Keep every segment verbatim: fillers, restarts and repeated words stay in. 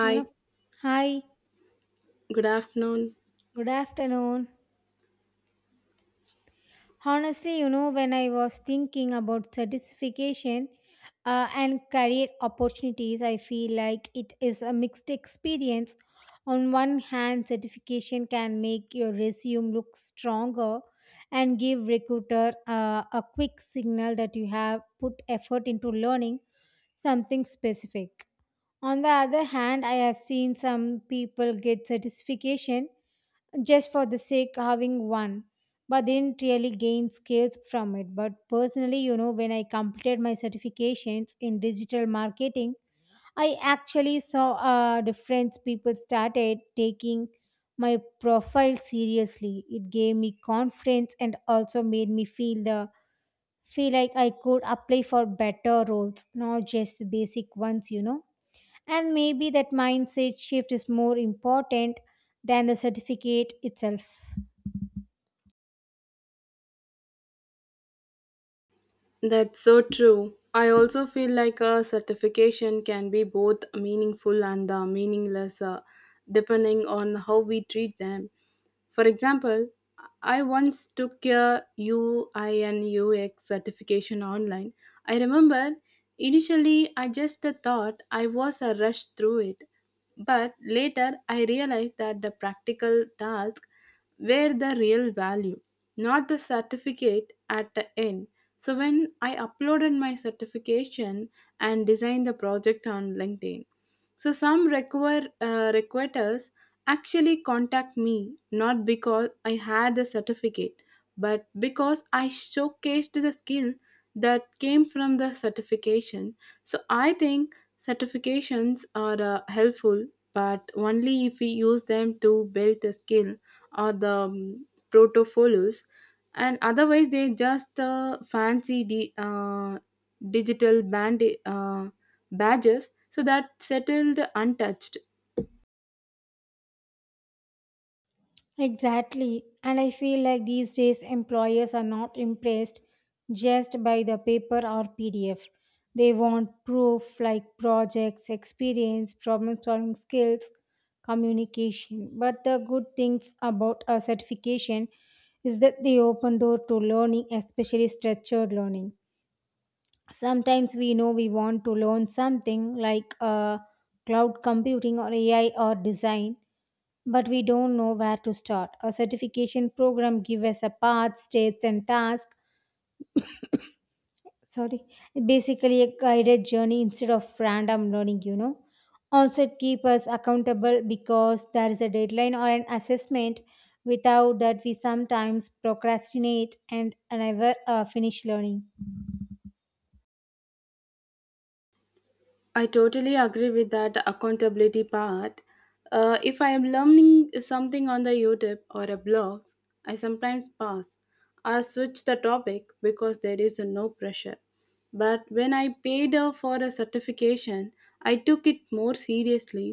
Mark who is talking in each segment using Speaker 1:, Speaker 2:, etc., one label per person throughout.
Speaker 1: Hello. Hi,
Speaker 2: good afternoon.
Speaker 1: good afternoon. Honestly, you know, when I was thinking about certification uh, and career opportunities, I feel like it is a mixed experience. On one hand, certification can make your resume look stronger and give recruiter uh, a quick signal that you have put effort into learning something specific. On the other hand, I have seen some people get certification just for the sake having one but didn't really gain skills from it. But personally, you know, when I completed my certifications in digital marketing, I actually saw a difference. People started taking my profile seriously. It gave me confidence and also made me feel the feel like I could apply for better roles, not just the basic ones, you know. And maybe that mindset shift is more important than the certificate itself.
Speaker 2: That's so true. I also feel like a certification can be both meaningful and uh, meaningless uh, depending on how we treat them. For example, I once took a U I N U X certification online. I remember initially I just thought I was a rush through it, but later I realized that the practical tasks were the real value, not the certificate at the end. So when I uploaded my certification and designed the project on LinkedIn, so some require uh, recruiters actually contact me not because I had the certificate, but because I showcased the skill that came from the certification. So I think certifications are uh, helpful, but only if we use them to build the skill or the um, portfolios, and otherwise they just uh, fancy the uh, digital band. Uh, badges so that settled untouched.
Speaker 1: Exactly. And I feel like these days employers are not impressed just by the paper or P D F. They want proof like projects, experience, problem solving skills, communication. But the good things about a certification is that they open door to learning, especially structured learning. Sometimes we know we want to learn something like uh, cloud computing or A I or design, but we don't know where to start. A certification program gives us a path, steps, and task. Sorry, basically a guided journey instead of random learning, you know. Also, it keeps us accountable because there is a deadline or an assessment. Without that, we sometimes procrastinate and never uh, finish learning.
Speaker 2: I totally agree with that accountability part. Uh, if I am learning something on the YouTube or a blog, I sometimes pass or switch the topic because there is no pressure. But when I paid uh, for a certification, I took it more seriously.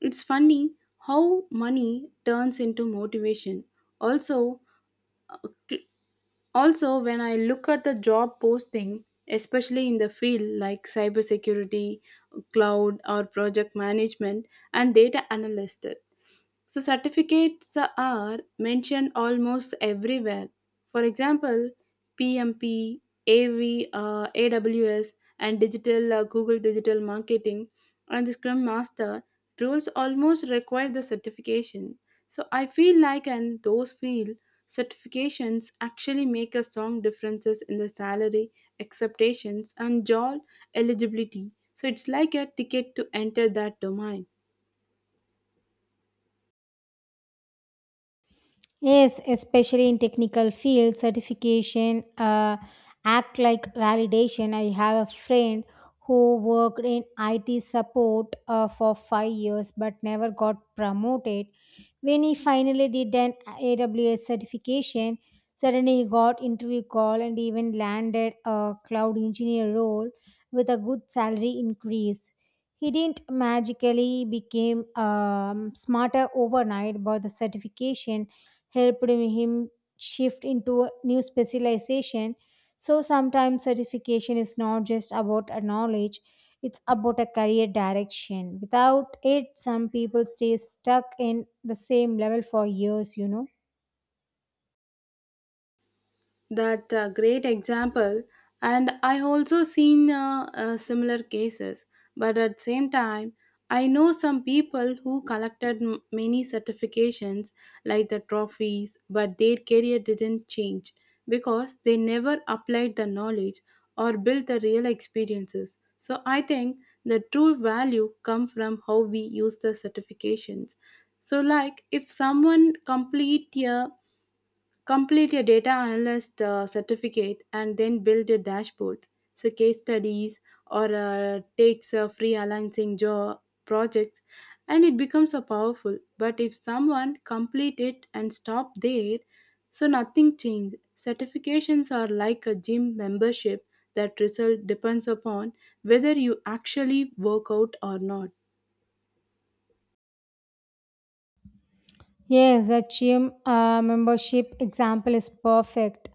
Speaker 2: It's funny how money turns into motivation. also uh, Also, when I look at the job posting, especially in the field like cybersecurity, cloud, or project management and data analyst, so certificates are mentioned almost everywhere. For example, P M P, A V, uh, A W S, and digital uh, Google Digital Marketing, and the Scrum Master roles almost require the certification. So I feel like, and those feel, certifications actually make a strong differences in the salary expectations and job eligibility. So it's like a ticket to enter that domain.
Speaker 1: Yes, especially in technical fields, certification uh, act like validation. I have a friend who worked in I T support uh, for five years but never got promoted. When he finally did an A W S certification, suddenly he got interview call and even landed a cloud engineer role with a good salary increase. He didn't magically became um, smarter overnight, but the certification helped him shift into a new specialization. So sometimes certification is not just about a knowledge, it's about a career direction. Without it, some people stay stuck in the same level for years, you know.
Speaker 2: That uh, great example, and I also seen uh, uh, similar cases. But at same time, I know some people who collected m- many certifications like the trophies, but their career didn't change because they never applied the knowledge or built the real experiences. So I think the true value come from how we use the certifications. So like if someone complete a complete your data analyst uh, certificate and then build your dashboards. So case studies or uh, takes uh, freelancing job projects, and it becomes a powerful. But if someone complete it and stop there, so nothing changed. Certifications are like a gym membership. That result depends upon whether you actually work out or not.
Speaker 1: Yes, the gym uh, membership example is perfect.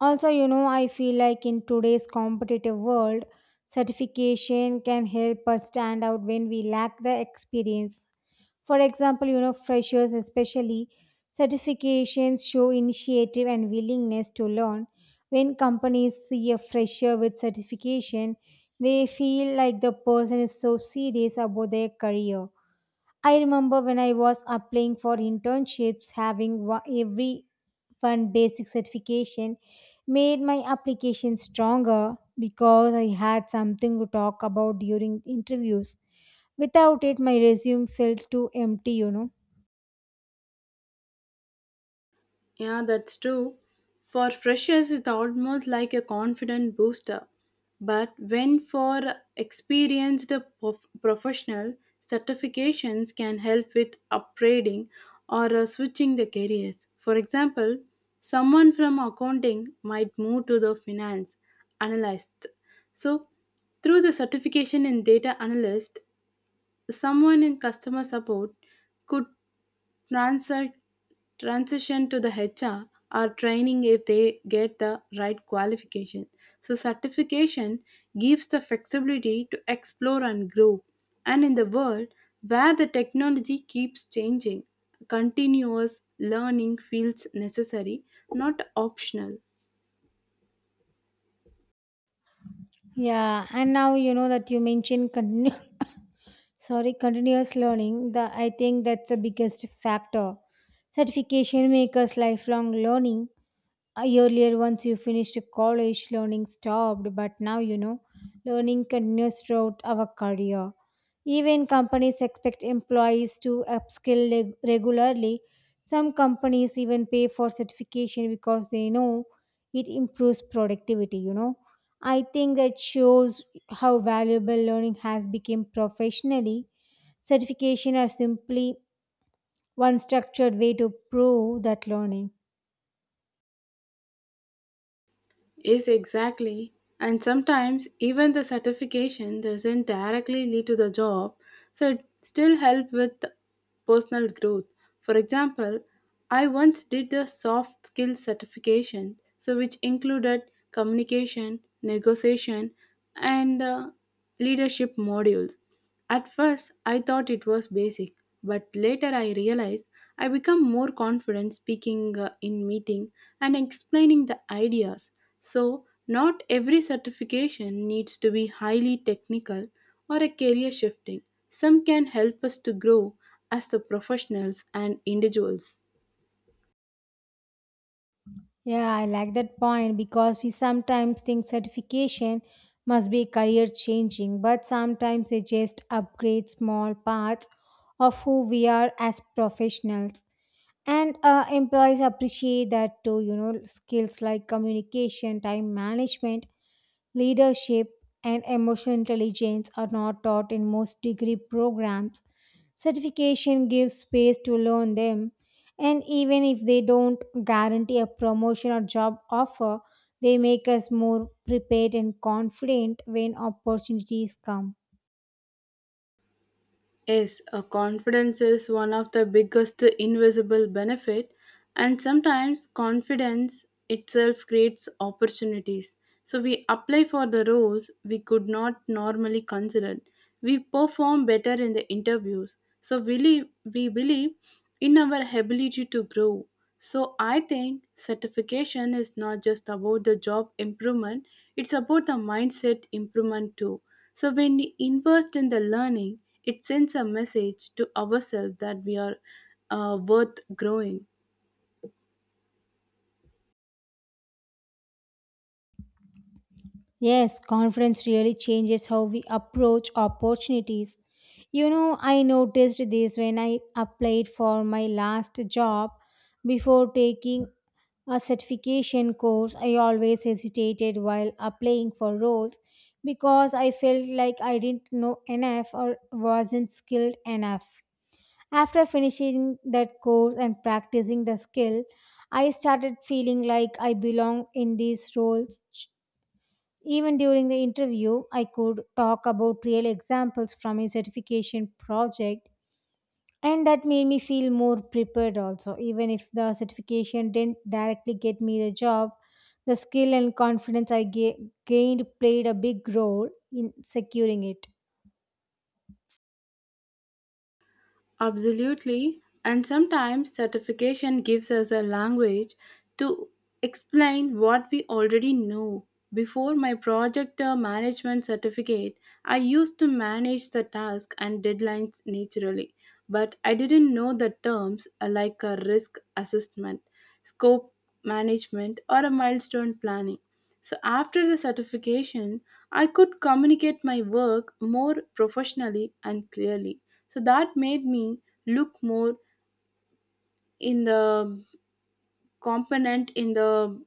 Speaker 1: Also, you know, I feel like in today's competitive world, certification can help us stand out when we lack the experience. For example, you know, freshers especially, certifications show initiative and willingness to learn. When companies see a fresher with certification, they feel like the person is so serious about their career. I remember when I was applying for internships, having wa- every one basic certification made my application stronger because I had something to talk about during interviews. Without it, my resume felt too empty, you know.
Speaker 2: Yeah, that's true. For freshers, it's almost like a confident booster. But when for experienced prof- professional, certifications can help with upgrading or uh, switching the careers. For example, someone from accounting might move to the finance analyst. So through the certification in data analyst, someone in customer support could transi- transition to the H R or training if they get the right qualification. So certification gives the flexibility to explore and grow. And in the world where the technology keeps changing, continuous learning feels necessary, not optional.
Speaker 1: Yeah, and now you know that you mentioned continue. Sorry, continuous learning, the I think that's the biggest factor. Certification makers lifelong learning. Uh, earlier once you finished college learning stopped, but now, you know, learning continues throughout our career. Even companies expect employees to upskill leg- regularly. Some companies even pay for certification because they know it improves productivity, you know. I think that shows how valuable learning has become professionally. Certification are simply one structured way to prove that learning.
Speaker 2: Yes, exactly. And sometimes even the certification doesn't directly lead to the job, so it still help with personal growth. For example, I once did a soft skills certification, so which included communication, negotiation, and uh, leadership modules. At first, I thought it was basic, but later I realized I become more confident speaking uh, in meeting and explaining the ideas. So not every certification needs to be highly technical or a career shifting. Some can help us to grow as the professionals and individuals.
Speaker 1: Yeah, I like that point because we sometimes think certification must be career changing, but sometimes they just upgrade small parts of who we are as professionals. And uh, employees appreciate that too, you know. Skills like communication, time management, leadership, and emotional intelligence are not taught in most degree programs. Certification gives space to learn them, and even if they don't guarantee a promotion or job offer, they make us more prepared and confident when opportunities come.
Speaker 2: Yes, a confidence is one of the biggest invisible benefit, and sometimes confidence itself creates opportunities. So we apply for the roles we could not normally consider. We perform better in the interviews. So we, li- we believe in our ability to grow. So I think certification is not just about the job improvement, it's about the mindset improvement too. So when we invest in the learning, it sends a message to ourselves that we are uh, worth growing.
Speaker 1: Yes, confidence really changes how we approach opportunities. You know, I noticed this when I applied for my last job. Before taking a certification course, I always hesitated while applying for roles because I felt like I didn't know enough or wasn't skilled enough. After finishing that course and practicing the skill, I started feeling like I belong in these roles. Even during the interview, I could talk about real examples from a certification project, and that made me feel more prepared also. Even if the certification didn't directly get me the job, the skill and confidence I ga- gained played a big role in securing it.
Speaker 2: Absolutely. And sometimes certification gives us a language to explain what we already know. Before my project uh, management certificate, I used to manage the task and deadlines naturally, but I didn't know the terms uh, like a risk assessment, scope management, or a milestone planning. So after the certification, I could communicate my work more professionally and clearly, so that made me look more in the component in the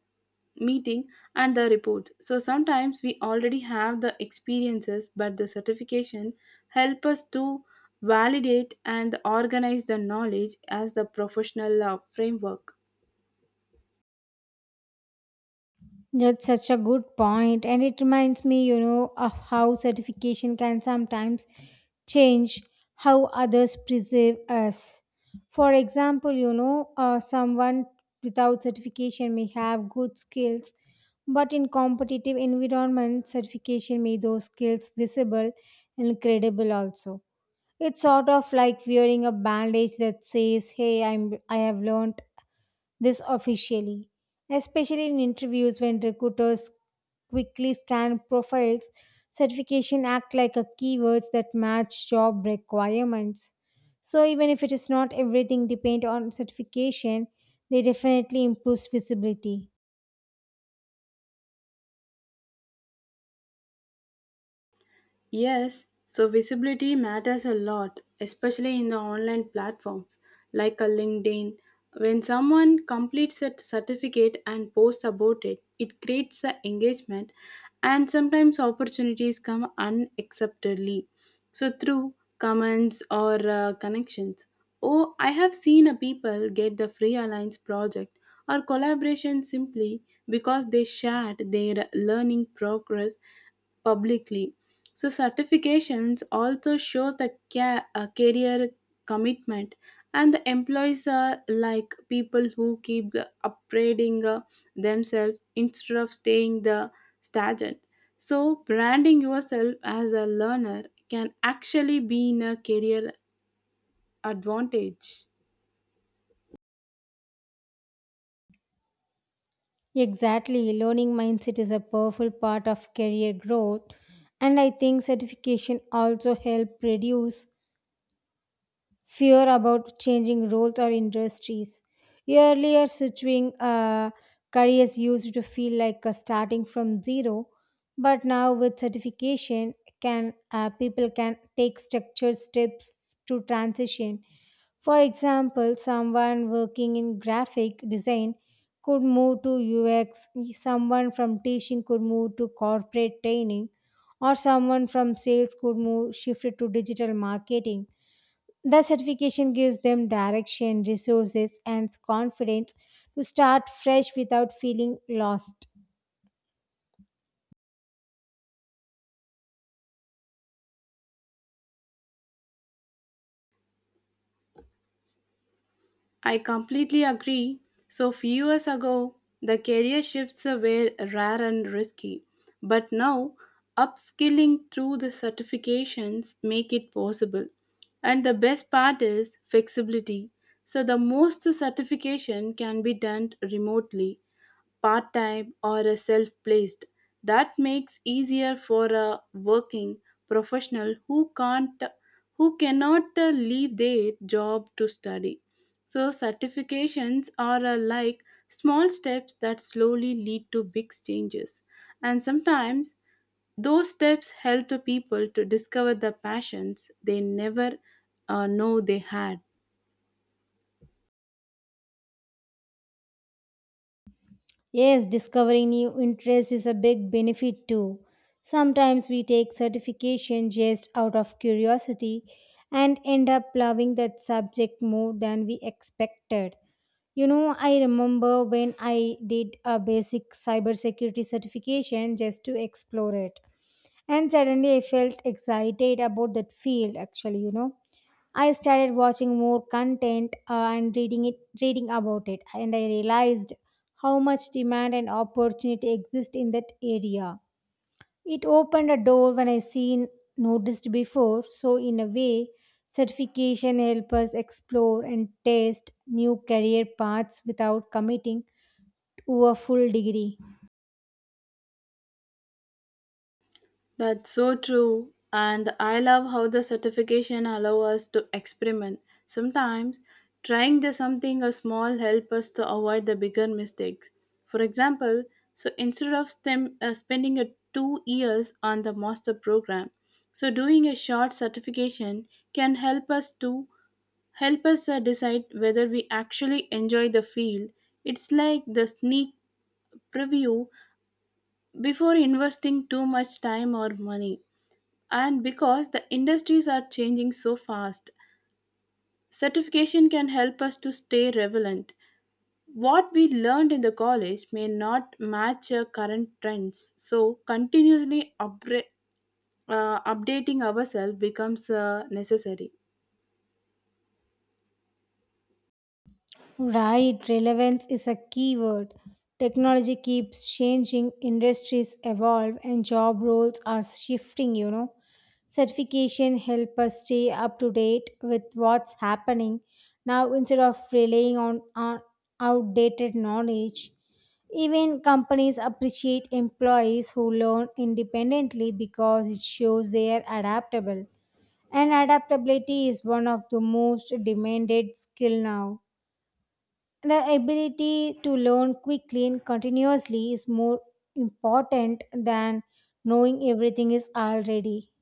Speaker 2: meeting and the report. So sometimes we already have the experiences, but the certification help us to validate and organize the knowledge as the professional uh, framework.
Speaker 1: That's such a good point, and it reminds me, you know, of how certification can sometimes change how others perceive us. For example, you know, uh, someone without certification may have good skills, but in competitive environment, certification made those skills visible and credible. Also, it's sort of like wearing a bandage that says, "Hey, I'm I have learned." This officially, especially in interviews when recruiters quickly scan profiles. Certification act like a keywords that match job requirements. So even if it is not everything depend on certification, they definitely improves visibility.
Speaker 2: Yes, so visibility matters a lot, especially in the online platforms like a LinkedIn. When someone completes a certificate and posts about it, it creates the engagement, and sometimes opportunities come unacceptably so through comments or uh, connections. Oh, I have seen a people get the free alliance project or collaboration simply because they shared their learning progress publicly. So certifications also show the ca- uh, career commitment, and the employees are like people who keep uh, upgrading uh, themselves instead of staying the stagnant. So branding yourself as a learner can actually be in a career advantage.
Speaker 1: Exactly, learning mindset is a powerful part of career growth, and I think certification also help reduce fear about changing roles or industries. Earlier, switching uh, careers used to feel like uh, starting from zero, but now with certification, can uh, people can take structured steps to transition. For example, someone working in graphic design could move to U X, someone from teaching could move to corporate training, or someone from sales could move shifted to digital marketing. The certification gives them direction, resources, and confidence to start fresh without feeling lost.
Speaker 2: I completely agree. So few years ago, the career shifts were rare and risky, but now upskilling through the certifications make it possible. And the best part is flexibility. So the most certification can be done remotely, part time or a self placed, that makes easier for a working professional who can't who cannot uh, leave their job to study. So certifications are uh, like small steps that slowly lead to big changes, and sometimes those steps help the people to discover the passions they never uh, know they had.
Speaker 1: Yes, discovering new interests is a big benefit too. Sometimes we take certification just out of curiosity and end up loving that subject more than we expected. You know, I remember when I did a basic cybersecurity certification just to explore it. And suddenly I felt excited about that field actually, you know. I started watching more content uh, and reading it reading about it, and I realized how much demand and opportunity exist in that area. It opened a door when I seen noticed before, so in a way, certification help us explore and test new career paths without committing to a full degree.
Speaker 2: That's so true. And I love how the certification allow us to experiment. Sometimes trying the something a small help us to avoid the bigger mistakes. For example, so instead of stem, uh, spending a two years on the master program, so doing a short certification can help us to help us uh, decide whether we actually enjoy the field. It's like the sneak preview before investing too much time or money. And because the industries are changing so fast, certification can help us to stay relevant. What we learned in the college may not match our current trends, so continually upgra- uh, updating ourselves becomes uh, necessary.
Speaker 1: Right, relevance is a key word. Technology keeps changing, industries evolve, and job roles are shifting, you know. Certification help us stay up to date with what's happening. Now, instead of relying on on outdated knowledge, even companies appreciate employees who learn independently because it shows they are adaptable. And adaptability is one of the most demanded skill now. The ability to learn quickly and continuously is more important than knowing everything is already.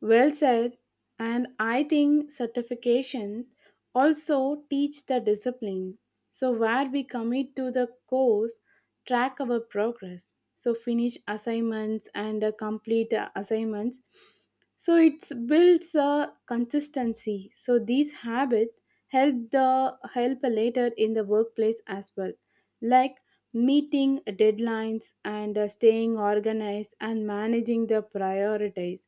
Speaker 2: Well said. And I think certification also teach the discipline. So where we commit to the course, track our progress. So finish assignments and uh, complete uh, assignments. So it builds a consistency. So these habits help the help later in the workplace as well, like meeting deadlines and uh, staying organized and managing the priorities.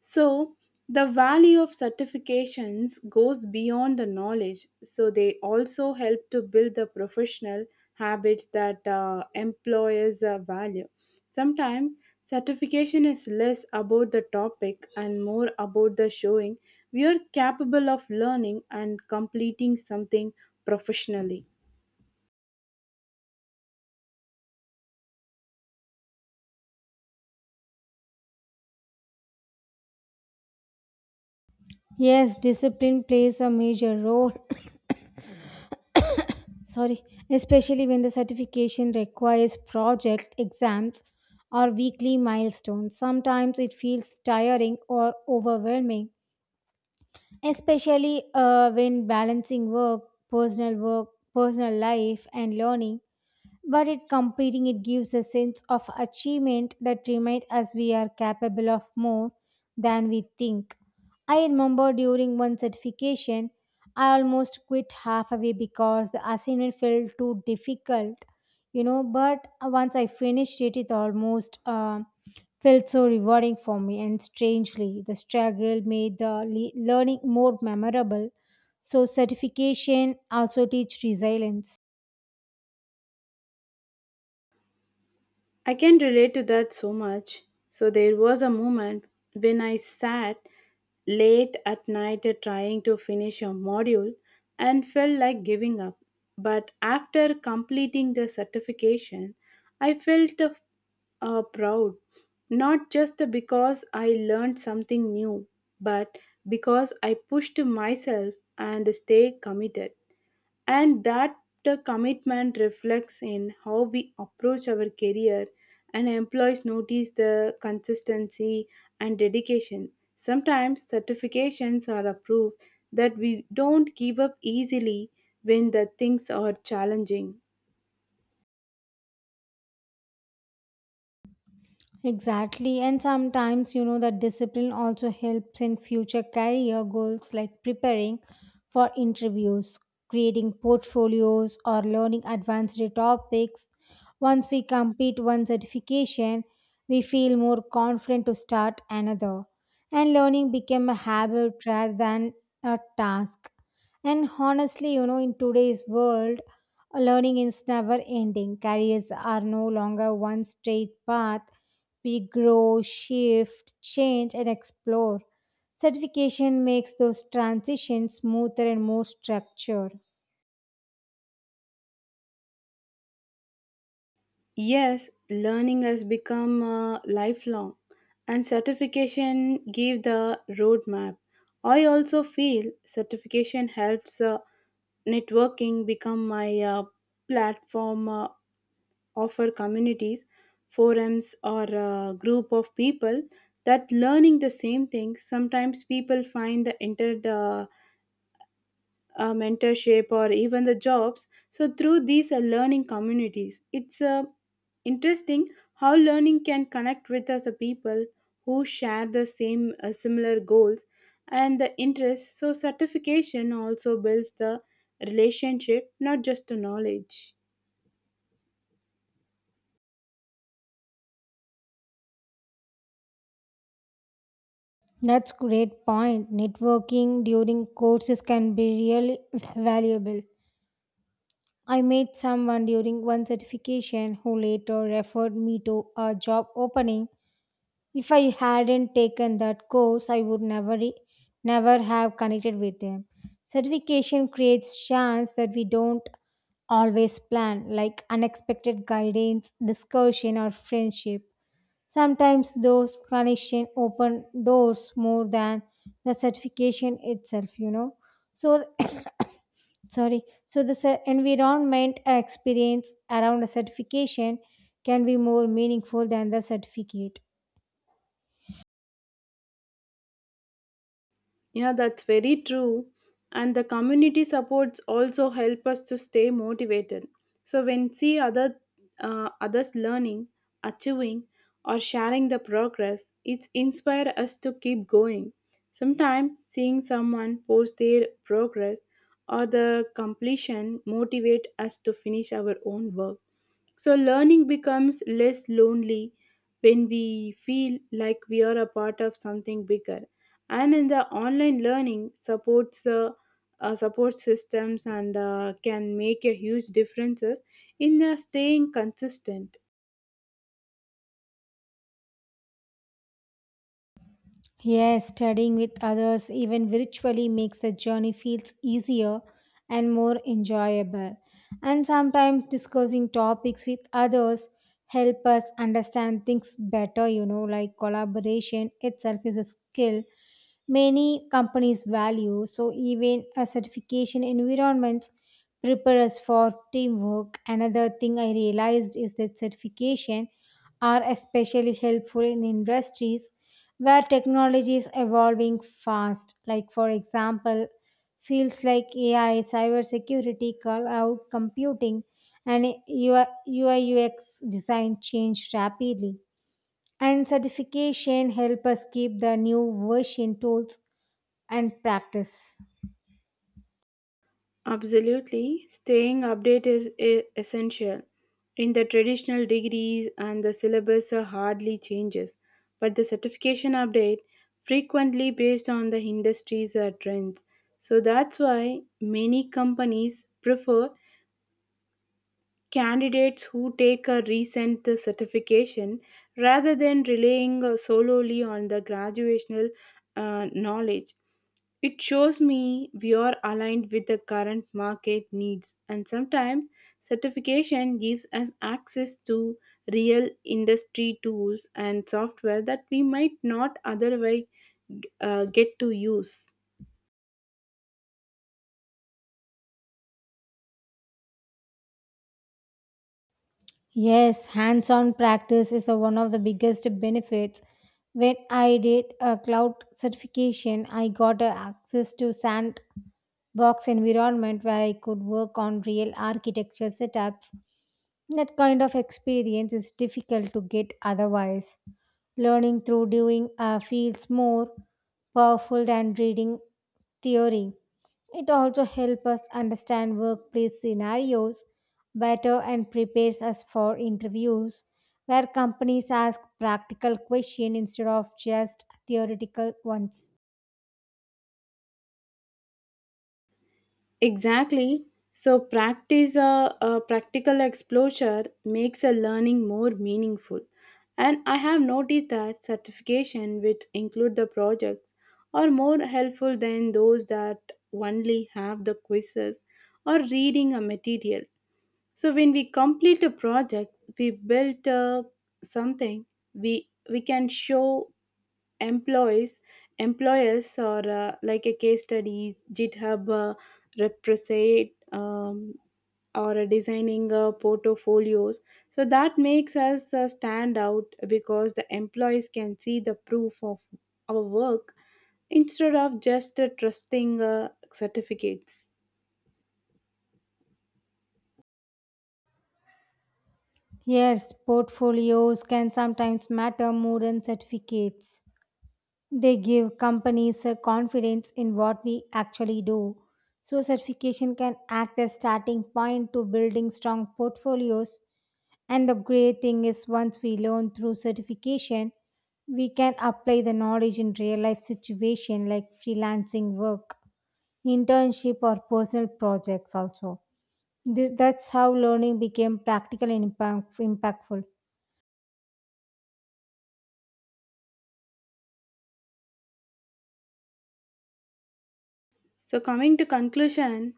Speaker 2: So the value of certifications goes beyond the knowledge. So they also help to build the professional habits that uh, employers uh, value. Sometimes, certification is less about the topic and more about the showing we are capable of learning and completing something professionally.
Speaker 1: Yes, discipline plays a major role. Sorry, especially when the certification requires project exams or weekly milestones. Sometimes it feels tiring or overwhelming, especially uh, when balancing work, personal work, personal life, and learning, but it completing it gives a sense of achievement that reminds us we are capable of more than we think. I remember during one certification I almost quit halfway because the assignment felt too difficult, you know. But once I finished it, it almost uh, felt so rewarding for me, and strangely the struggle made the le- learning more memorable. So certification also teach resilience.
Speaker 2: I can relate to that so much. So there was a moment when I sat late at night trying to finish a module and felt like giving up. But after completing the certification, I felt uh, uh, proud, not just because I learned something new, but because I pushed myself and stayed committed, and that the commitment reflects in how we approach our career, and employees notice the consistency and dedication. Sometimes certifications are approved that we don't give up easily when the things are challenging.
Speaker 1: Exactly. And sometimes, you know, that discipline also helps in future career goals like preparing for interviews, creating portfolios, or learning advanced topics. Once we complete one certification, we feel more confident to start another. And learning became a habit rather than a task. And honestly, you know, in today's world, learning is never ending. Careers are no longer one straight path. We grow, shift, change, and explore. Certification makes those transitions smoother and more structured.
Speaker 2: Yes, learning has become uh, lifelong, and certification give the roadmap. I also feel certification helps uh, networking become my uh, platform uh, offer communities, forums, or a group of people that learning the same thing. Sometimes people find the uh, mentorship or even the jobs so through these uh, learning communities. It's uh, interesting how learning can connect with us uh, people who share the same uh, similar goals and the interests. So certification also builds the relationship, not just the knowledge.
Speaker 1: That's great point. Networking during courses can be really valuable. I met someone during one certification who later referred me to a job opening. If I hadn't taken that course, I would never e- never have connected with them. Certification creates chance that we don't always plan, like unexpected guidance, discussion, or friendship. Sometimes those connections open doors more than the certification itself, you know. So, sorry. So, the cer- environment experience around a certification can be more meaningful than the certificate.
Speaker 2: Yeah, that's very true. And the community supports also help us to stay motivated. So when see other uh, others learning, achieving, or sharing the progress, it inspires us to keep going. Sometimes seeing someone post their progress or the completion motivate us to finish our own work. So learning becomes less lonely when we feel like we are a part of something bigger, and in the online learning supports uh, uh, support systems and uh, can make a huge differences in uh, staying consistent.
Speaker 1: Yes, studying with others, even virtually, makes the journey feels easier and more enjoyable. And sometimes discussing topics with others help us understand things better, you know, like collaboration itself is a skill many companies value. So even a certification environments prepare us for teamwork. Another thing I realized is that certification are especially helpful in industries where technology is evolving fast. Like, for example, fields like A I, cybersecurity, cloud computing, and U I U X design change rapidly. And certification help us keep the new version tools and practice.
Speaker 2: Absolutely, staying updated is e- essential. In the traditional degrees and the syllabus uh, hardly changes, but the certification update frequently based on the industry's uh, trends. So that's why many companies prefer candidates who take a recent certification rather than relying solely on the graduational uh, knowledge. It shows me we are aligned with the current market needs, and sometimes certification gives us access to real industry tools and software that we might not otherwise uh, get to use.
Speaker 1: Yes, hands on practice is a- one of the biggest benefits. When I did a cloud certification, I got a access to sandbox environment where I could work on real architecture setups. That kind of experience is difficult to get otherwise. Learning through doing uh, feels more powerful than reading theory. It also helps us understand workplace scenarios better and prepares us for interviews where companies ask practical questions instead of just theoretical ones.
Speaker 2: Exactly. So practice a, a practical exposure makes a learning more meaningful. And I have noticed that certification which include the projects are more helpful than those that only have the quizzes or reading a material. So when we complete a project, we built uh, something we we can show employees employers or uh, like a case studies github uh, represent um, or uh, designing uh, portfolios, so that makes us uh, stand out because the employees can see the proof of our work instead of just uh, trusting uh, certificates.
Speaker 1: Yes, portfolios can sometimes matter more than certificates. They give companies a confidence in what we actually do. So, certification can act as starting point to building strong portfolios. And the great thing is, once we learn through certification, we can apply the knowledge in real life situation like freelancing work, internship, or personal projects. Also, Th- that's how learning became practical and impact- impactful.
Speaker 2: So coming to conclusion,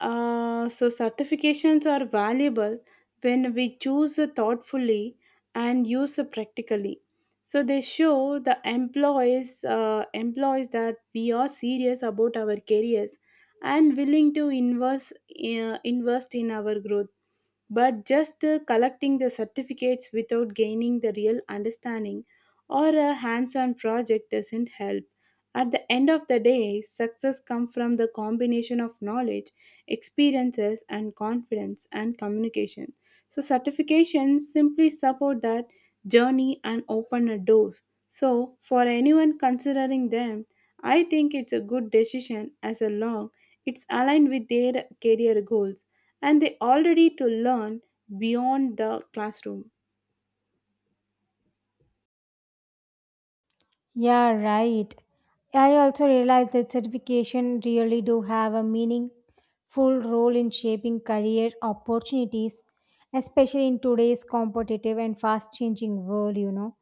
Speaker 2: uh, so certifications are valuable when we choose thoughtfully and use practically. So they show the employees uh, employees that we are serious about our careers and willing to invest uh, invest in our growth. But just uh, collecting the certificates without gaining the real understanding or a hands on project doesn't help. At the end of the day, success comes from the combination of knowledge, experiences, and confidence and communication. So certifications simply support that journey and open a door. So for anyone considering them, I think it's a good decision as a long it's aligned with their career goals, and they already to learn beyond the classroom.
Speaker 1: Yeah, right. I also realized that certification really do have a meaningful role in shaping career opportunities, especially in today's competitive and fast changing world, you know.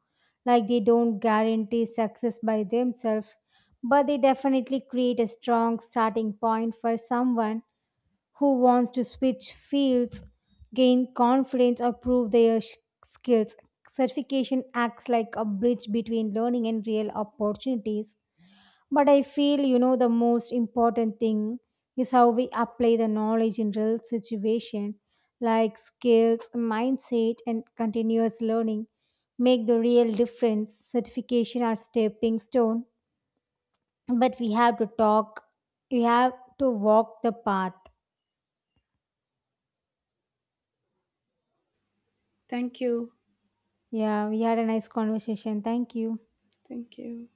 Speaker 1: Like they don't guarantee success by themselves, but they definitely create a strong starting point for someone who wants to switch fields, gain confidence, or prove their sh- skills. Certification acts like a bridge between learning and real opportunities. But I feel, you know, the most important thing is how we apply the knowledge in real situation, like skills, mindset, and continuous learning make the real difference. Certification are stepping stone, but we have to talk, we have to walk the path.
Speaker 2: Thank you.
Speaker 1: Yeah, we had a nice conversation. Thank you.
Speaker 2: Thank you.